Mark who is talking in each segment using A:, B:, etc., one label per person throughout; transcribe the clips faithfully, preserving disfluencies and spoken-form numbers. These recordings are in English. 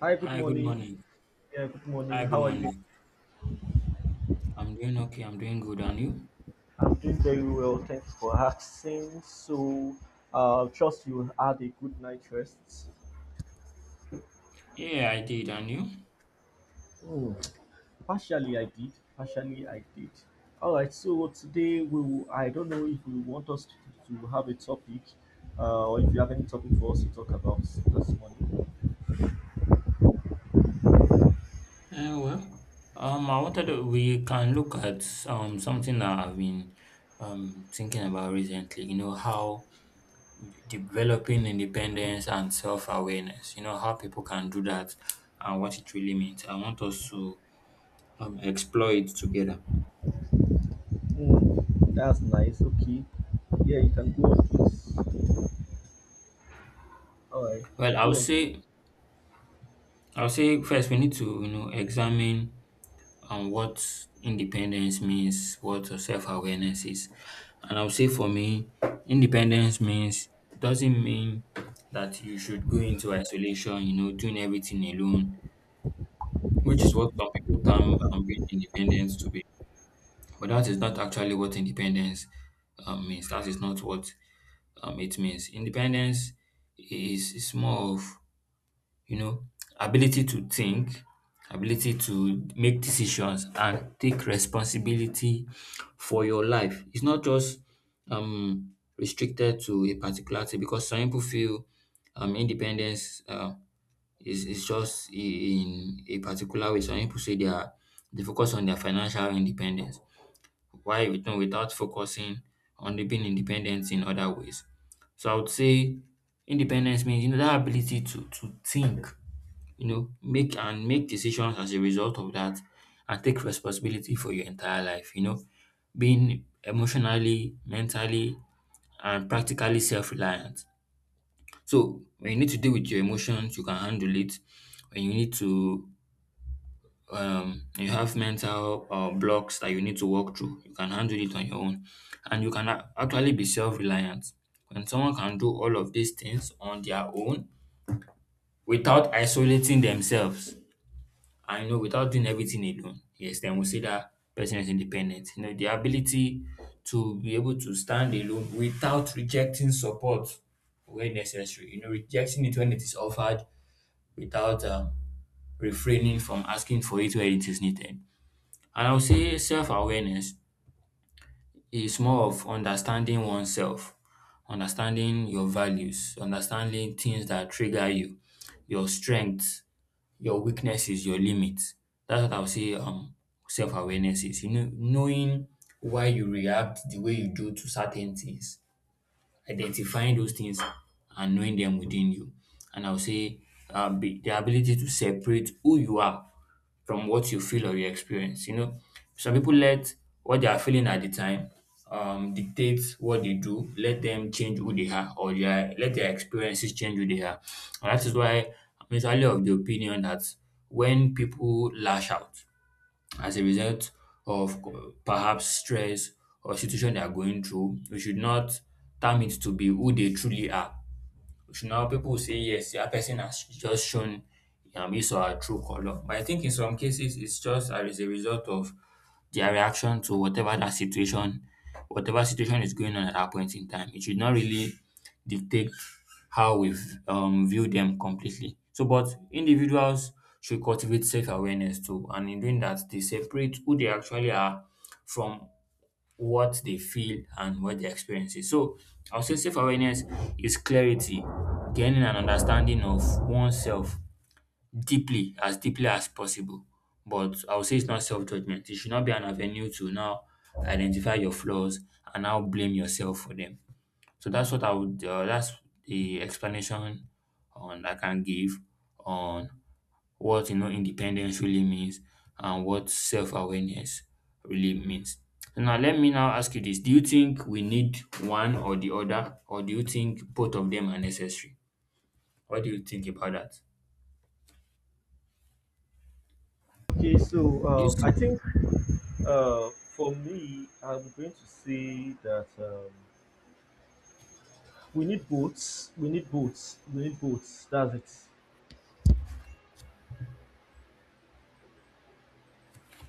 A: Hi, good
B: Hi, good
A: morning.
B: morning.
A: Yeah, good morning.
B: Hi, good
A: How are you doing?
B: morning. I'm doing okay. I'm doing good. And you?
A: I'm doing very well. Thanks for asking. So, uh, trust you had a good night rest.
B: Yeah, I did. And you?
A: Hmm, Partially, I did. Partially, I did. All right. So today we will, I don't know if you want us to, to have a topic, uh, or if you have any topic for us to talk about this morning.
B: Uh, well, um, I wanted to, we can look at um something that I've been um thinking about recently. You know how developing independence and self-awareness. You know how people can do that and what it really means. I want us to um explore it together.
A: Hmm, that's nice. Okay. Yeah, you can go on, please. All right.
B: Well, I would
A: Go on, please.
B: say I would say first we need to you know examine. And what independence means, what self awareness is. And I'll say for me, independence means doesn't mean that you should go into isolation, you know, doing everything alone, which is what some people term um, being independent to be. But that is not actually what independence um, means. That is not what um, it means. Independence is, is more of you know, ability to think, ability to make decisions and take responsibility for your life. It's not just um restricted to a particular thing, because some people feel um independence uh, is is just i- in a particular way. Some people say they are they focus on their financial independence. Why, you know without focusing on the being independent in other ways? So I would say independence means, you know that ability to to think, you know make and make decisions as a result of that, and take responsibility for your entire life, you know being emotionally, mentally, and practically self-reliant. So when you need to deal with your emotions, you can handle it. When you need to, um you have mental uh, blocks that you need to work through, you can handle it on your own. And you can a- actually be self-reliant. When someone can do all of these things on their own without isolating themselves, I know, without doing everything alone, yes, then we say that person is independent. You know, the ability to be able to stand alone without rejecting support where necessary. You know, rejecting it when it is offered, without, um, refraining from asking for it where it is needed. And I would say self awareness is more of understanding oneself, understanding your values, understanding things that trigger you, your strengths, your weakness is your limit. That's what I would say um self-awareness is. You know, knowing why you react the way you do to certain things, identifying those things and knowing them within you. And I would say, um, be, the ability to separate who you are from what you feel or you experience. You know, some people let what they are feeling at the time um, dictate what they do, let them change who they are, or their, let their experiences change who they are. And that is why I'm usually of the opinion that when people lash out as a result of, co- perhaps, stress or situation they are going through, we should not term it to be who they truly are. So now people will say, yes, that person has just shown, um, his or her true color. But I think in some cases it's just as a result of their reaction to whatever that situation, whatever situation is going on at that point in time. It should not really dictate how we, um, view them completely. So, but individuals should cultivate self awareness too, and in doing that, they separate who they actually are from what they feel and what their experience is. So I'll say self awareness is clarity, gaining an understanding of oneself deeply, as deeply as possible. But I'll say it's not self judgment. It should not be an avenue to now identify your flaws and now blame yourself for them. So that's what I would, uh, that's the explanation on I can give on what, you know independence really means and what self-awareness really means. So now let me now ask you this. Do you think we need one or the other, or do you think both of them are necessary? What do you think about that?
A: Okay. So,
B: This
A: um, I think Uh, for me, I'm going to say that um, we need boats. We need boats. We need boats. That's it.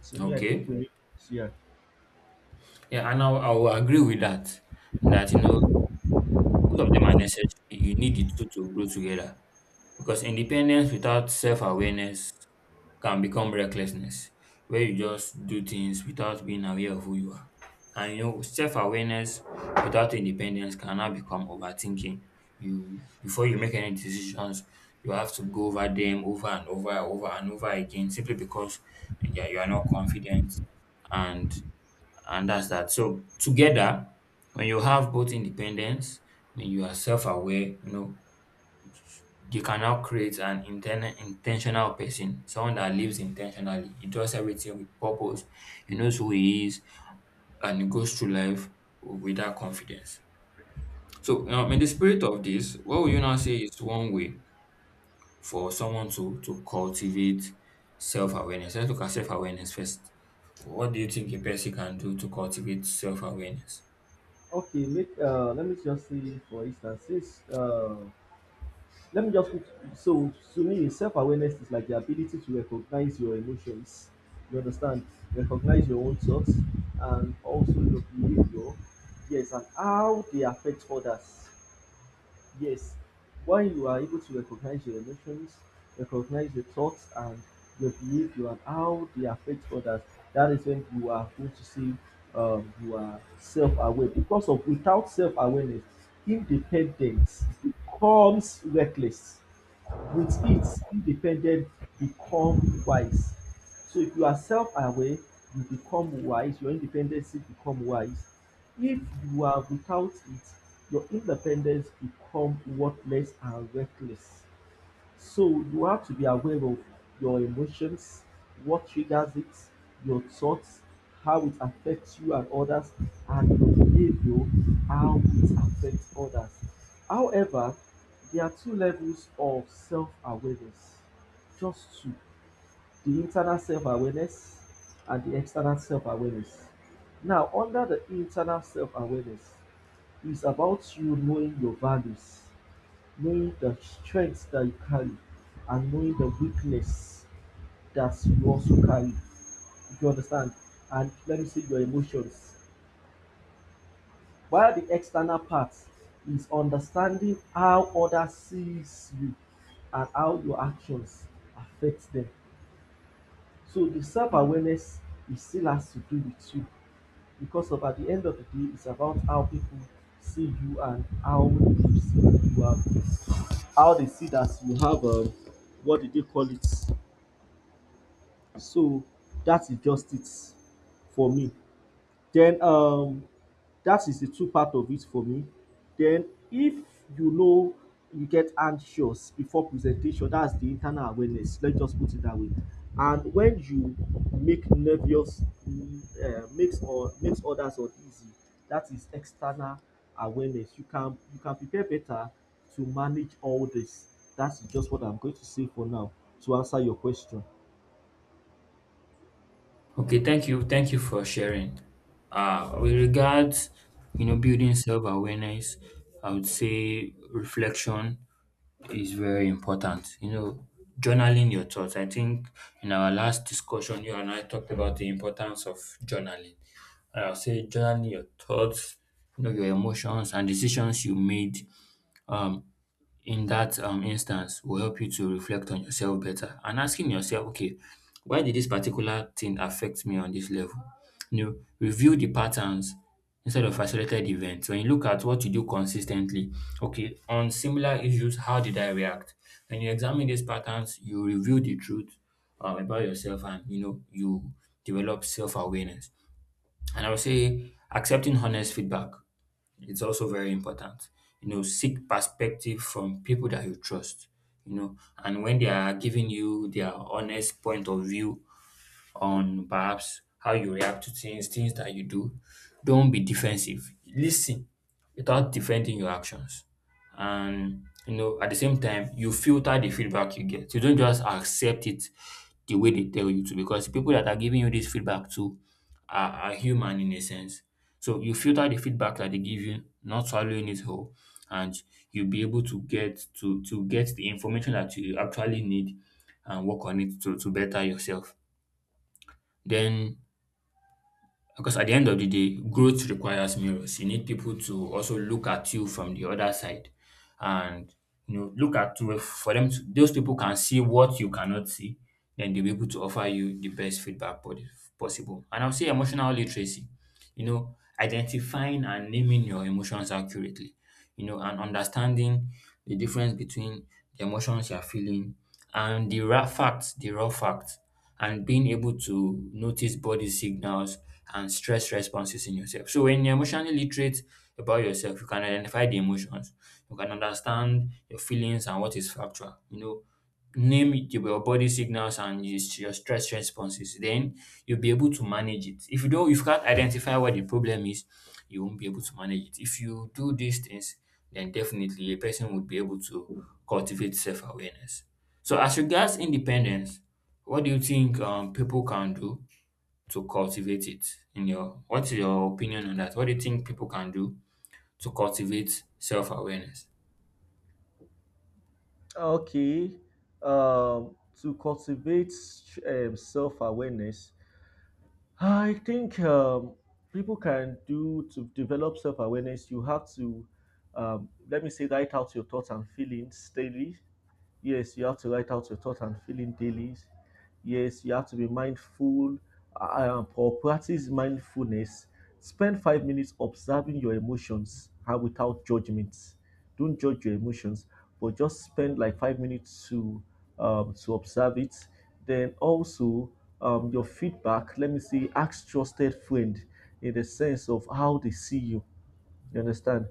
A: To me, I think
B: Okay.
A: we need boats. Yeah.
B: Yeah, and I, will- I will agree with that. That, you know both of them are necessary. You need the two to grow together. Because independence without self awareness can become recklessness, where you just do things without being aware of who you are. And you know, self awareness without independence can now become overthinking. You Before you make any decisions, you have to go over them over and over, over and over again, simply because, yeah, you are not confident, and and that's that. So together, when you have both independence, when you are self aware, you know, you can now create an inten- intentional person, someone that lives intentionally. He does everything with purpose. He knows who he is, and he goes through life with that confidence. So, um, in the spirit of this, what would you now say is one way for someone to to cultivate self awareness? Let's look at self awareness first. What do you think a person can do to cultivate self awareness?
A: Okay, make uh, let me just say, for instance, since uh, let me just put, so to me, self awareness is like the ability to recognize your emotions. You understand? Recognize your own thoughts and also your behavior. Yes, and how they affect others. Yes, when you are able to recognize your emotions, recognize your thoughts and your behavior and how they affect others, that is when you are going to see, um, you are self aware. Because of without self awareness, independence becomes reckless. With it, independent become wise. So if you are self-aware, you become wise. Your independency become wise. If you are without it, your independence become worthless and reckless. So you have to be aware of your emotions, what triggers it, your thoughts, how it affects you and others, and your behavior, how it affects others. However, there are two levels of self awareness, just two: the internal self awareness and the external self awareness. Now, under the internal self awareness, it's about you knowing your values, knowing the strength that you carry, and knowing the weakness that you also carry. If you understand? And let me say your emotions. While the external part is understanding how others sees you and how your actions affect them. So the self-awareness, it still has to do with you, because of at the end of the day it's about how people see you and how you see, you have, how they see that you have, um, what did they call it. So that is just it for me. Then, um that is the two part of it for me. Then if you know you get anxious before presentation, that's the internal awareness. Let's just put it that way. And when you make nervous, uh, makes or makes others uneasy, that is external awareness. You can you can prepare better to manage all this. That's just what I'm going to say for now to answer your question.
B: Okay, thank you. Thank you for sharing. Uh, with regards, you know, building self-awareness, I would say reflection is very important. You know, journaling your thoughts. I think in our last discussion, you and I talked about the importance of journaling. And I'll say journaling your thoughts, you know, your emotions and decisions you made. Um, in that um, instance will help you to reflect on yourself better, and asking yourself, okay, why did this particular thing affect me on this level? You know, review the patterns instead of isolated events. When you look at what you do consistently, okay, on similar issues, how did I react? When you examine these patterns, you reveal the truth, um, about yourself, and you know you develop self-awareness. And I would say accepting honest feedback, it's also very important. You know, seek perspective from people that you trust, you know, and when they are giving you their honest point of view on perhaps how you react to things, things that you do. Don't be defensive. Listen without defending your actions. And, you know, at the same time, you filter the feedback you get. You don't just accept it the way they tell you to, because people that are giving you this feedback to are, are human in a sense. So you filter the feedback that they give you, not swallowing it whole, and you'll be able to get to to get the information that you actually need and work on it to, to better yourself. Then, because at the end of the day, growth requires mirrors. You need people to also look at you from the other side, and you know look at you, for them to, those people can see what you cannot see, then they'll be able to offer you the best feedback, po- possible. And I'll say emotional literacy, you know, identifying and naming your emotions accurately, you know, and understanding the difference between the emotions you're feeling and the raw facts, the raw facts, and being able to notice body signals and stress responses in yourself. So when you're emotionally literate about yourself, you can identify the emotions, you can understand your feelings and what is factual, you know, name the- your body signals and your your stress responses, then you'll be able to manage it. If you don't, if you can't identify what the problem is, you won't be able to manage it. If you do these things, then definitely a person would be able to cultivate self-awareness. So, as regards independence, what do you think, um, people can do to cultivate it? In your, what's your opinion on that? What do you think people can do to cultivate self-awareness?
A: Okay. Um, to cultivate um, self awareness, I think um, people can do to develop self awareness. You have to, um, let me say, write out your thoughts and feelings daily. Yes, you have to write out your thoughts and feeling daily. Yes, you have to be mindful. Uh, um, or practice mindfulness. Spend five minutes observing your emotions and without judgment. Don't judge your emotions, but just spend like five minutes to um, to observe it. Then also, um, your feedback. Let me see. Ask trusted friend in the sense of how they see you. You understand?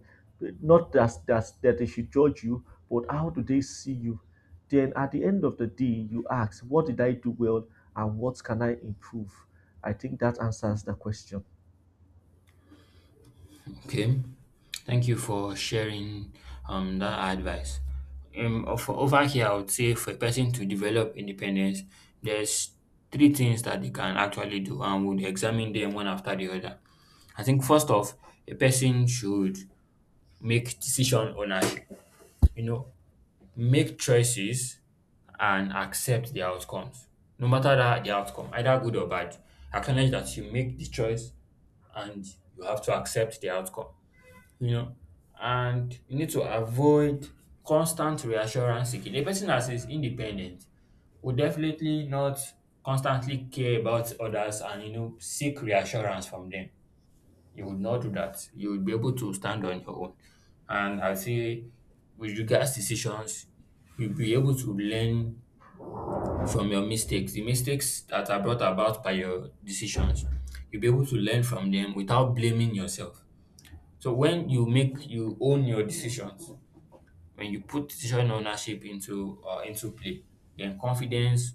A: Not that that that they should judge you, but how do they see you? Then at the end of the day, you ask, what did I do well and what can I improve? I think that answers the question.
B: Okay, thank you for sharing um that advice. Um, for over here, I would say for a person to develop independence, there's three things that they can actually do, and we'll examine them one after the other. I think first off, a person should make decision ownership. You know, make choices and accept the outcomes, no matter that the outcome, either good or bad. Acknowledge that you make the choice, and you have to accept the outcome, you know, and you need to avoid constant reassurance seeking. A person that is independent will definitely not constantly care about others and you know seek reassurance from them. You would not do that. You would be able to stand on your own. And I say, with regards decisions, you'll be able to learn from your mistakes, the mistakes that are brought about by your decisions. You'll be able to learn from them without blaming yourself. So when you make you own your decisions, when you put decision ownership into, uh, into play, then confidence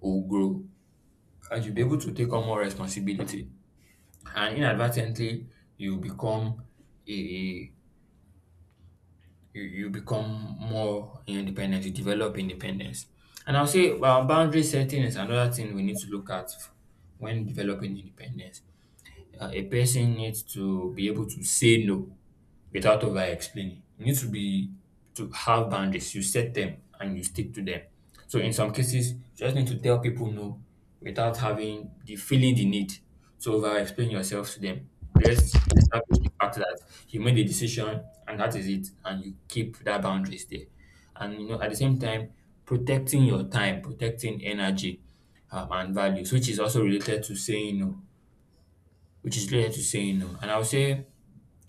B: will grow and you'll be able to take on more responsibility. And inadvertently, you become a you, you become more independent. You develop independence. And I'll say, well, boundary setting is another thing we need to look at when developing independence. Uh, a person needs to be able to say no without over explaining. You need to be to have boundaries. You set them and you stick to them. So in some cases, you just need to tell people no without having the feeling the need to over explain yourself to them. Let's establish the fact that you made a decision and that is it, and you keep that boundaries there. And you know, at the same time, protecting your time, protecting energy um, and values, which is also related to saying no, which is related to saying no. And I would say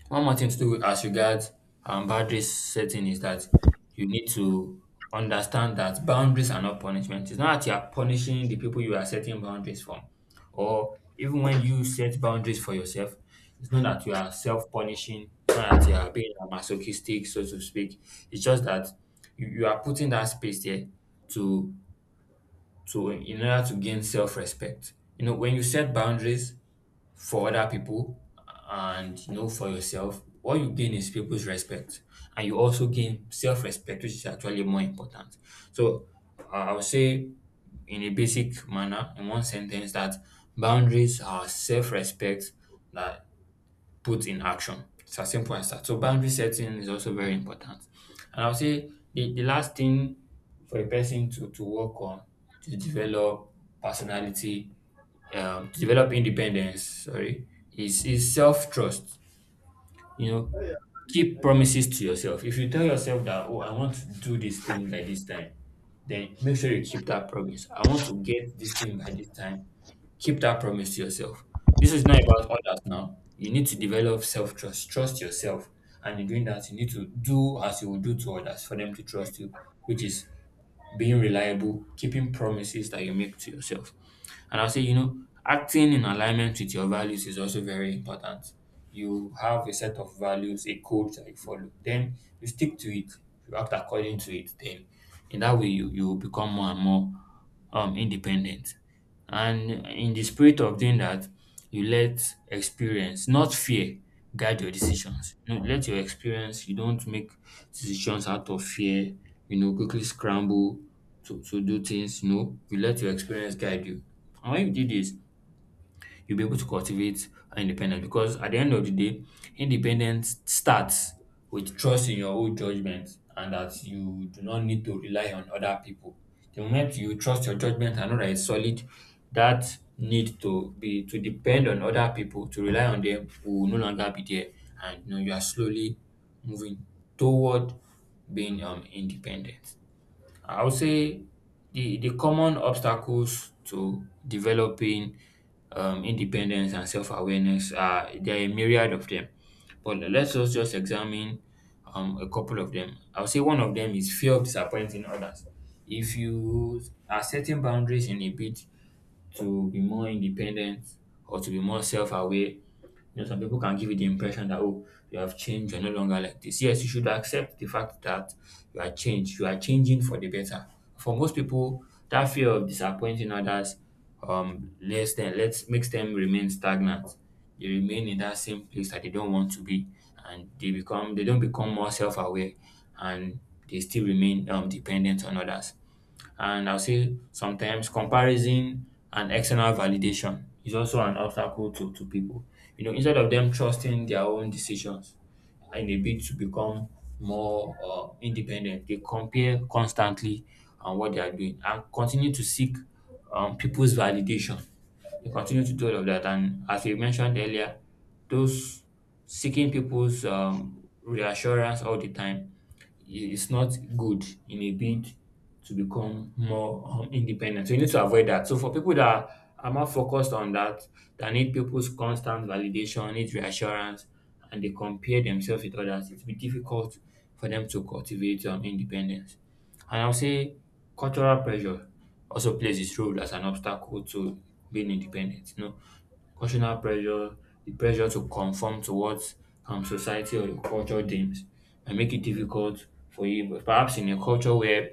B: one more thing to do as regards um, boundaries setting is that you need to understand that boundaries are not punishment. It's not that you are punishing the people you are setting boundaries from, or even when you set boundaries for yourself, it's not that you are self punishing, it's not that you are being masochistic, so to speak. It's just that you, you are putting that space there to to in order to gain self respect. You know, when you set boundaries, for other people and you know for yourself what you gain is people's respect and you also gain self-respect which is actually more important. So i I would say in a basic manner in one sentence that boundaries are self-respect, that put in action it's as simple as that. So boundary setting is also very important. And I would say the, the last thing for a person to, to work on, to develop personality, um, to develop independence, sorry, is, is self trust. You know, keep promises to yourself. If you tell yourself that, oh, I want to do this thing by this time, then make sure you keep that promise. I want to get this thing by this time. Keep that promise to yourself. This is not about others now. You need to develop self trust, trust yourself. And in doing that, you need to do as you would do to others for them to trust you, which is being reliable, keeping promises that you make to yourself. And I'll say, you know, acting in alignment with your values is also very important. You have a set of values, a code that you follow. Then you stick to it. You act according to it. Then in that way, you, you will become more and more um, independent. And in the spirit of doing that, you let experience, not fear, guide your decisions. You know, let your experience, you don't make decisions out of fear, you know, quickly scramble to, to do things, you know, you let your experience guide you. And when you do this, you'll be able to cultivate independence because at the end of the day, independence starts with trust in your own judgment and that you do not need to rely on other people. The moment you trust your judgment and know that it's solid, that need to be to depend on other people, to rely on them will no longer be there. And you know, you are slowly moving toward being um independent. I would say the the common obstacles to developing um, independence and self awareness are there are a myriad of them, but let's just just examine um, a couple of them. I would say one of them is fear of disappointing others. If you are setting boundaries in a bid to be more independent or to be more self-aware. You know, some people can give you the impression that oh, you have changed, you're no longer like this. Yes, you should accept the fact that you are changed, you are changing for the better. For most people, that fear of disappointing others um less than let's makes them remain stagnant. They remain in that same place that they don't want to be and they become they don't become more self-aware and they still remain um dependent on others. And I'll say sometimes comparison and external validation is also an obstacle to, to people. You know, instead of them trusting their own decisions in a bid to become more uh, independent, they compare constantly on what they are doing and continue to seek um, people's validation. They continue to do all of that. And as we mentioned earlier, those seeking people's um, reassurance all the time it's not good in a bid to become more um, independent. So you need to avoid that. So for people that are more focused on that, that need people's constant validation, need reassurance, and they compare themselves with others, it will be difficult for them to cultivate um, independence. And I'll say cultural pressure also plays its role as an obstacle to being independent. You know, cultural pressure, the pressure to conform to what um, society or the culture deems, and make it difficult for you. But perhaps in a culture where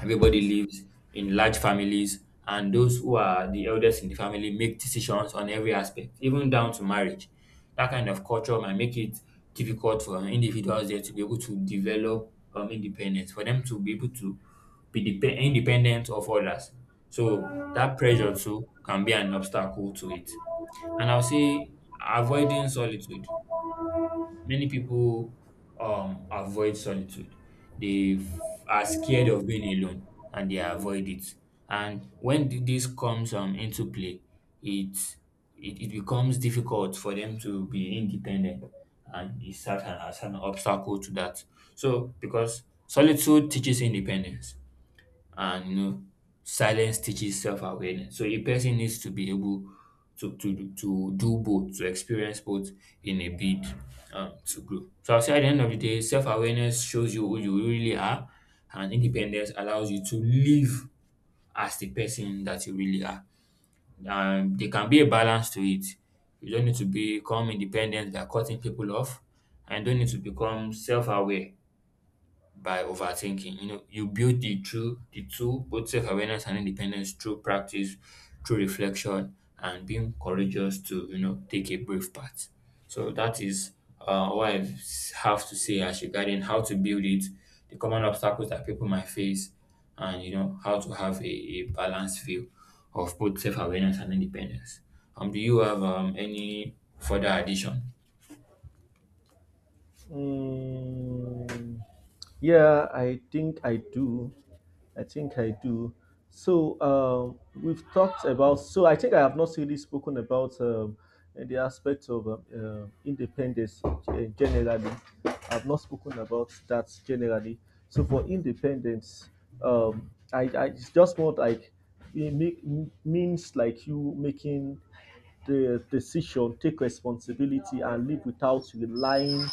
B: everybody lives in large families, and those who are the eldest in the family make decisions on every aspect, even down to marriage. That kind of culture might make it difficult for individuals there to be able to develop um, independence, for them to be able to be dep- independent of others. So that pressure too can be an obstacle to it. And I'll say avoiding solitude. Many people um avoid solitude. They f- are scared of being alone and they avoid it. And when th- this comes um into play, it it, it becomes difficult for them to be independent and it's certain as an obstacle to that. So because solitude teaches independence and you know silence teaches self-awareness, so a person needs to be able to to to do both, to experience both in a bid um to grow. So I'll say at the end of the day self-awareness shows you who you really are and independence allows you to live as the person that you really are. Um there can be a balance to it. You don't need to become independent by cutting people off and you don't need to become self-aware by overthinking. You know, you build the true the two, both self-awareness and independence through practice, through reflection, and being courageous to, you know, take a brave path. So that is uh, what I have to say as regarding how to build it, the common obstacles that people might face, and you know, how to have a, a balanced view of both self-awareness and independence. Um, do you have um, any further addition?
A: Mm, yeah, I think I do. I think I do. So, um, we've talked about. So I think I have not really spoken about um, the aspect of um, uh, independence uh, generally. I've not spoken about that generally. So for independence, um, I, I it's just more like it make, means like you making the decision, take responsibility, and live without relying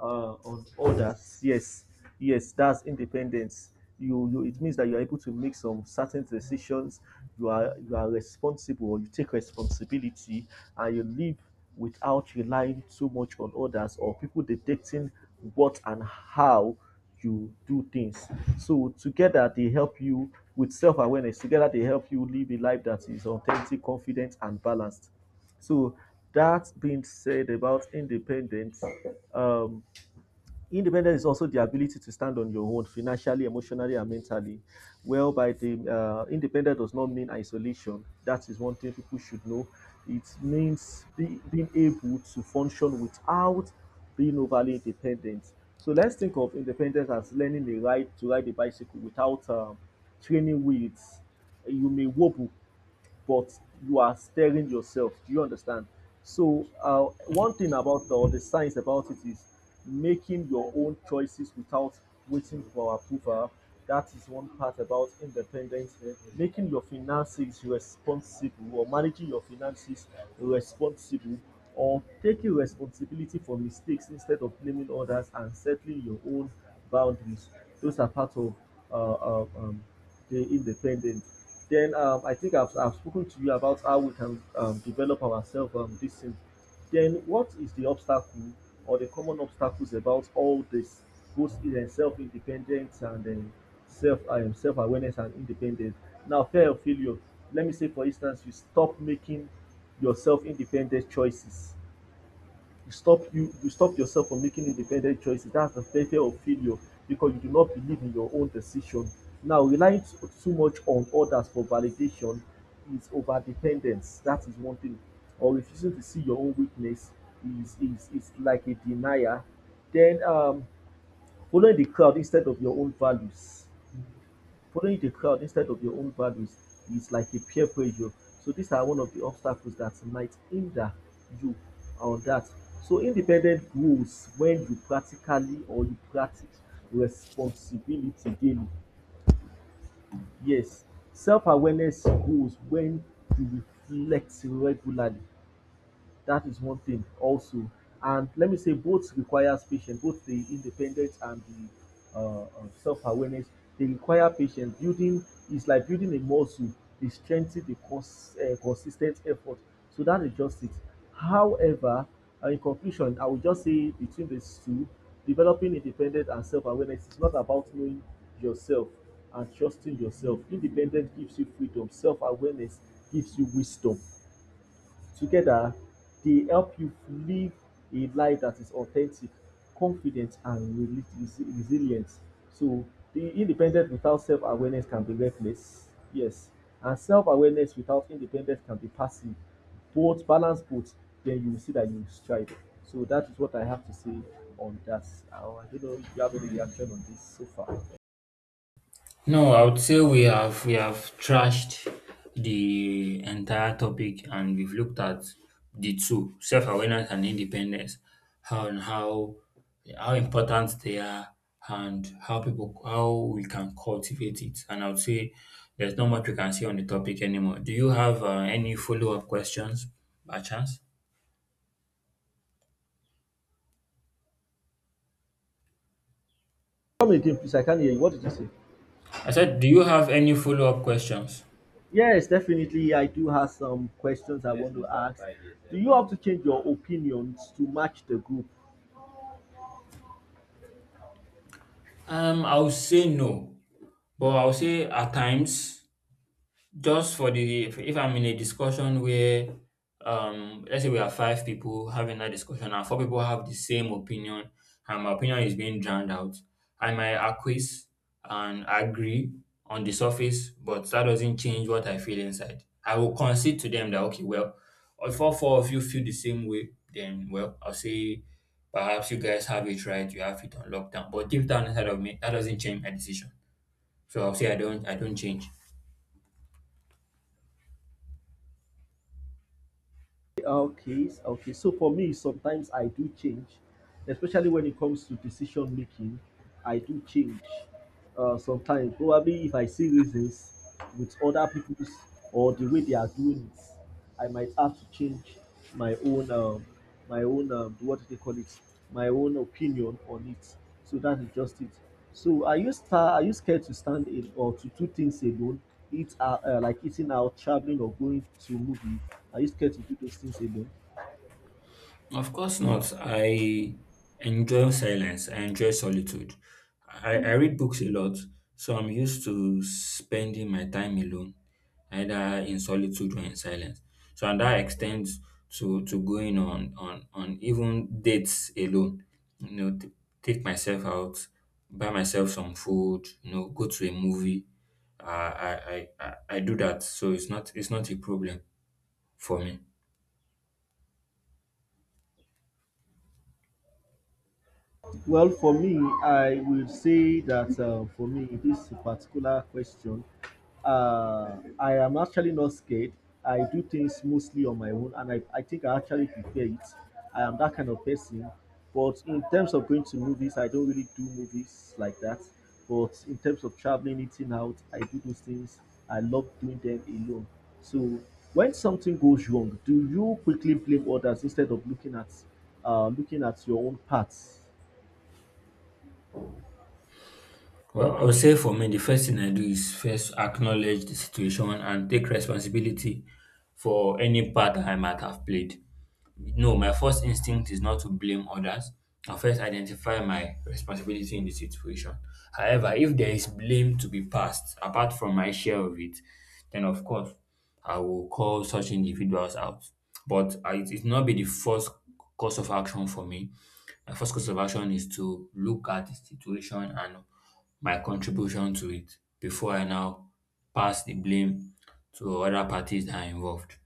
A: uh, on others. Yes, yes, that's independence. You, you, it means that you are able to make some certain decisions. You are, you are responsible. You take responsibility, and you live without relying too much on others or people dictating what and how you do things. So together they help you with self-awareness. Together they help you live a life that is authentic, confident, and balanced. So, that being said about independence, um, independence is also the ability to stand on your own financially, emotionally, and mentally. Well, by the, uh, independent does not mean isolation. That is one thing people should know. It means be, being able to function without being overly independent. So let's think of independence as learning the right to ride a bicycle without, um, training wheels. You may wobble, but you are stirring yourself. Do you understand? So, uh, one thing about, or the science about it is making your own choices without waiting for approval. That is one part about independence. Making your finances responsible, or managing your finances responsible, or taking responsibility for mistakes instead of blaming others, and settling your own boundaries. Those are part of uh, uh, um, the independent. Then, um, I think I've, I've spoken to you about how we can, um, develop ourselves, um, this thing. Then what is the obstacle, or the common obstacles about all this? Both in, uh, self-independence, and then self um, self-awareness and independence. Now, fear of failure. Let me say, for instance, you stop making yourself independent choices. You stop you you stop yourself from making independent choices. That's the fear of failure, because you do not believe in your own decision. Now, relying too much on others for validation is over dependence. That is one thing. Or refusing to see your own weakness is is, is like a denier. Then, um following the crowd instead of your own values. Following the crowd instead of your own values is like a peer pressure. So these are one of the obstacles that might hinder you on that. So independent grows when you practically, or you practice responsibility daily. Yes, self awareness grows when you reflect regularly. That is one thing also. And let me say both requires patience, both the independence and the uh, uh, self-awareness. They require patience. Building is like building a muscle. They strengthen the cons- uh, consistent effort. So that is just it. However, uh, in conclusion, I would just say between these two, developing independence and self-awareness is not about knowing yourself and trusting yourself. Independence gives you freedom. Self-awareness gives you wisdom. Together, they help you live a life that is authentic, confident, and reli- resilient. So, the independent without self awareness can be reckless. Yes. And self awareness without independence can be passive. Both balance both, then you will see that you strive. So, that is what I have to say on that. Uh, I don't know if you have any reaction on this so far.
B: No, I would say we have we have trashed the entire topic and we've looked at the two, self-awareness and independence, how and how how important they are and how people how we can cultivate it. And I would say there's not much we can say on the topic anymore. Do you have uh, any follow-up questions by chance?
A: Come again, please. I can't hear you. What did you say?
B: I said, do you have any follow-up questions?
A: Yes, definitely. I do have some questions I. Yes, want to, those are ask. Five. Do. Yeah, you have to change your opinions to match the group?
B: Um, I would say no, but I would say at times just for the if, if I'm in a discussion where um let's say we are five people having that discussion and four people have the same opinion and my opinion is being drowned out, I might acquiesce and agree on the surface, but that doesn't change what I feel inside. I will concede to them that okay, well, if all four of you feel the same way, then well, I'll say perhaps you guys have it right, you have it on lockdown. But deep down inside of me, that doesn't change my decision. So I'll say I don't I don't change.
A: Okay, s- okay. So for me, sometimes I do change, especially when it comes to decision making. I do change, uh, sometimes, probably if I see reasons with other people's, or the way they are doing it, I might have to change my own. Um, my own, um, what do they call it, my own opinion on it. So that is just it. So are you star are you scared to stand in or to do things alone, eat out, uh, like eating out, traveling, or going to movie? Are you scared to do those things alone?
B: Of course not. I enjoy silence. I enjoy solitude. I, I read books a lot, so I'm used to spending my time alone, either in solitude or in silence. So and that extends to, to going on, on on even dates alone. You know, t- take myself out, buy myself some food, you know, go to a movie. Uh, I, I I I do that, so it's not it's not a problem for me.
A: Well, for me, I will say that, uh, for me, this particular question, uh, I am actually not scared. I do things mostly on my own, and I, I think I actually prefer it. I am that kind of person. But in terms of going to movies, I don't really do movies like that. But in terms of traveling, eating out, I do those things. I love doing them alone. So when something goes wrong, do you quickly blame others instead of looking at uh, looking at your own parts?
B: Well, I would say for me, the first thing I do is first acknowledge the situation and take responsibility for any part I might have played. No, my first instinct is not to blame others. I first identify my responsibility in the situation. However, if there is blame to be passed apart from my share of it, then of course I will call such individuals out. But I, it will not be the first course of action for me. My first course of action is to look at the situation and my contribution to it before I now pass the blame to other parties that are involved.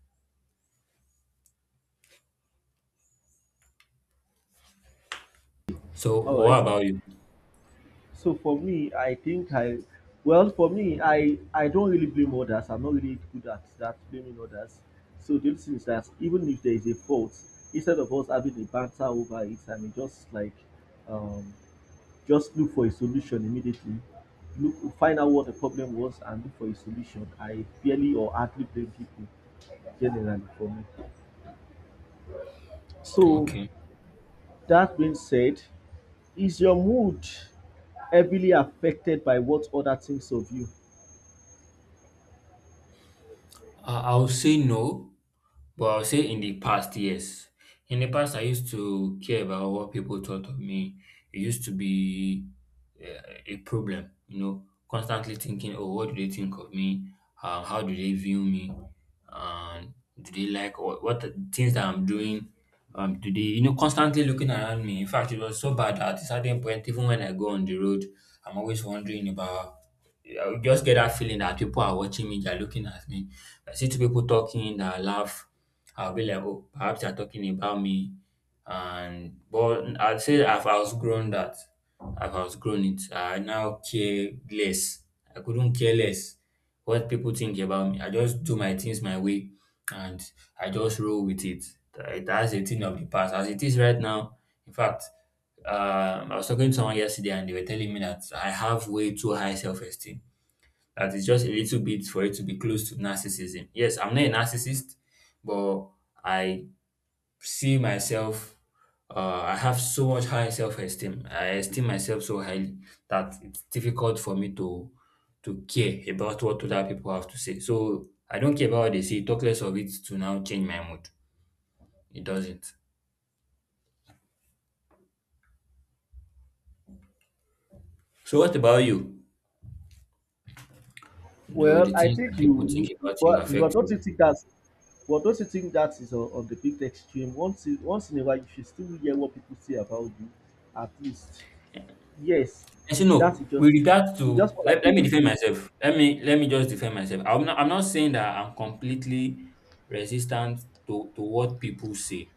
B: So,
A: All right.
B: what about you?
A: So for me, I think I, well, for me, I I don't really blame others. I'm not really good at that blaming others. So the only thing is that even if there is a fault, instead of us having a banter over it, I mean, just like, um, just look for a solution immediately. Look, find out what the problem was and look for a solution. I barely or hardly blame people generally for me. So
B: Okay.
A: that being said, is your mood heavily affected by what other thinks of you?
B: Uh, I'll say no. But I'll say in the past, yes. In the past, I used to care about what people thought of me. It used to be uh, a problem, you know, constantly thinking, oh, what do they think of me? Uh, how do they view me? Um, do they like what, what the things that I'm doing? Um, do they, you know, constantly looking around me? In fact, it was so bad that at a certain point, even when I go on the road, I'm always wondering about. I would just get that feeling that people are watching me, they're looking at me. I see two people talking, that I laugh I'll be like, oh, perhaps you're talking about me. And but I'd say I've outgrown that. I've outgrown it. I now care less. I couldn't care less what people think about me. I just do my things my way and I just roll with it. That- That's a thing of the past. As it is right now, in fact, um, I was talking to someone yesterday and they were telling me that I have way too high self esteem that is just a little bit for it to be close to narcissism. Yes, I'm not a narcissist, but I see myself. Uh, I have so much high self-esteem. I esteem myself so highly that it's difficult for me to to care about what other people have to say. So I don't care about what they say. Talk less of it to now change my mood. It doesn't. So what about you? Do
A: Well,
B: the
A: I
B: things that
A: think
B: people think
A: you you
B: about you
A: but but don't you are
B: affect you?
A: not think that's, but don't you think that is on, on the bit extreme? Once in, once in a while, you should still hear what people say about you, at least. Yes,
B: And so
A: that's
B: no, with
A: just it.
B: regards
A: It's
B: to
A: just more
B: let,
A: like a
B: let me defend
A: review.
B: myself. Let me let me just defend myself. I'm not I'm not saying that I'm completely resistant to, to what people say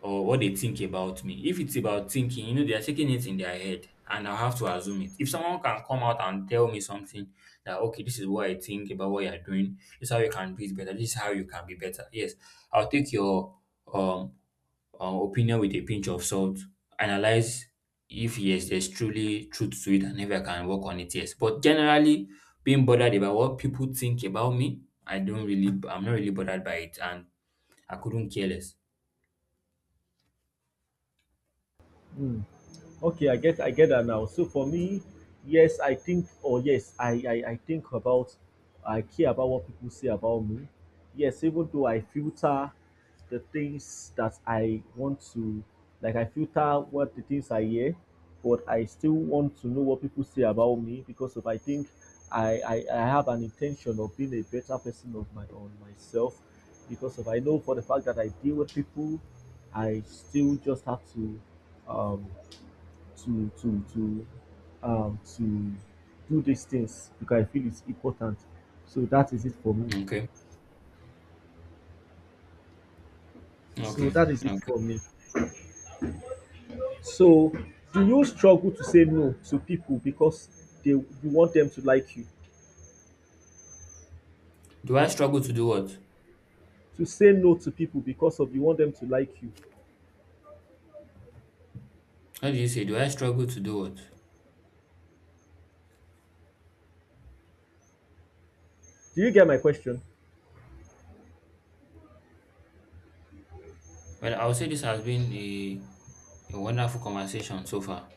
B: or what they think about me. If it's about thinking, you know, they are taking it in their head and I have to assume it. If someone can come out and tell me something that okay, this is what I think about what you're doing, this is how you can do it better, this is how you can be better. Yes, I'll take your um um, opinion with a pinch of salt. Analyze if yes, there's truly truth to it, and if I can work on it, yes. But generally, being bothered about what people think about me, I don't really, I'm not really bothered by it, and I couldn't care less.
A: Mm. Okay, I get I get that now. So for me, yes, I think, or yes, I, I I think about, I care about what people say about me. Yes, even though I filter the things that I want to, like I filter what the things I hear, but I still want to know what people say about me, because if I think, I, I, I have an intention of being a better person of my on myself, because if I know for the fact that I deal with people, I still just have to, um, to to to um to do these things because I feel it's important. So that is it for me.
B: Okay,
A: So
B: okay,
A: that is it
B: okay.
A: for me. So, do you struggle to say no to people because they you want them to like you?
B: Do I struggle to do what?
A: To say no to people because of you want them to like you.
B: How do you say? Do I struggle to do what?
A: Do you get my question?
B: Well, I would say this has been a, a wonderful conversation so far.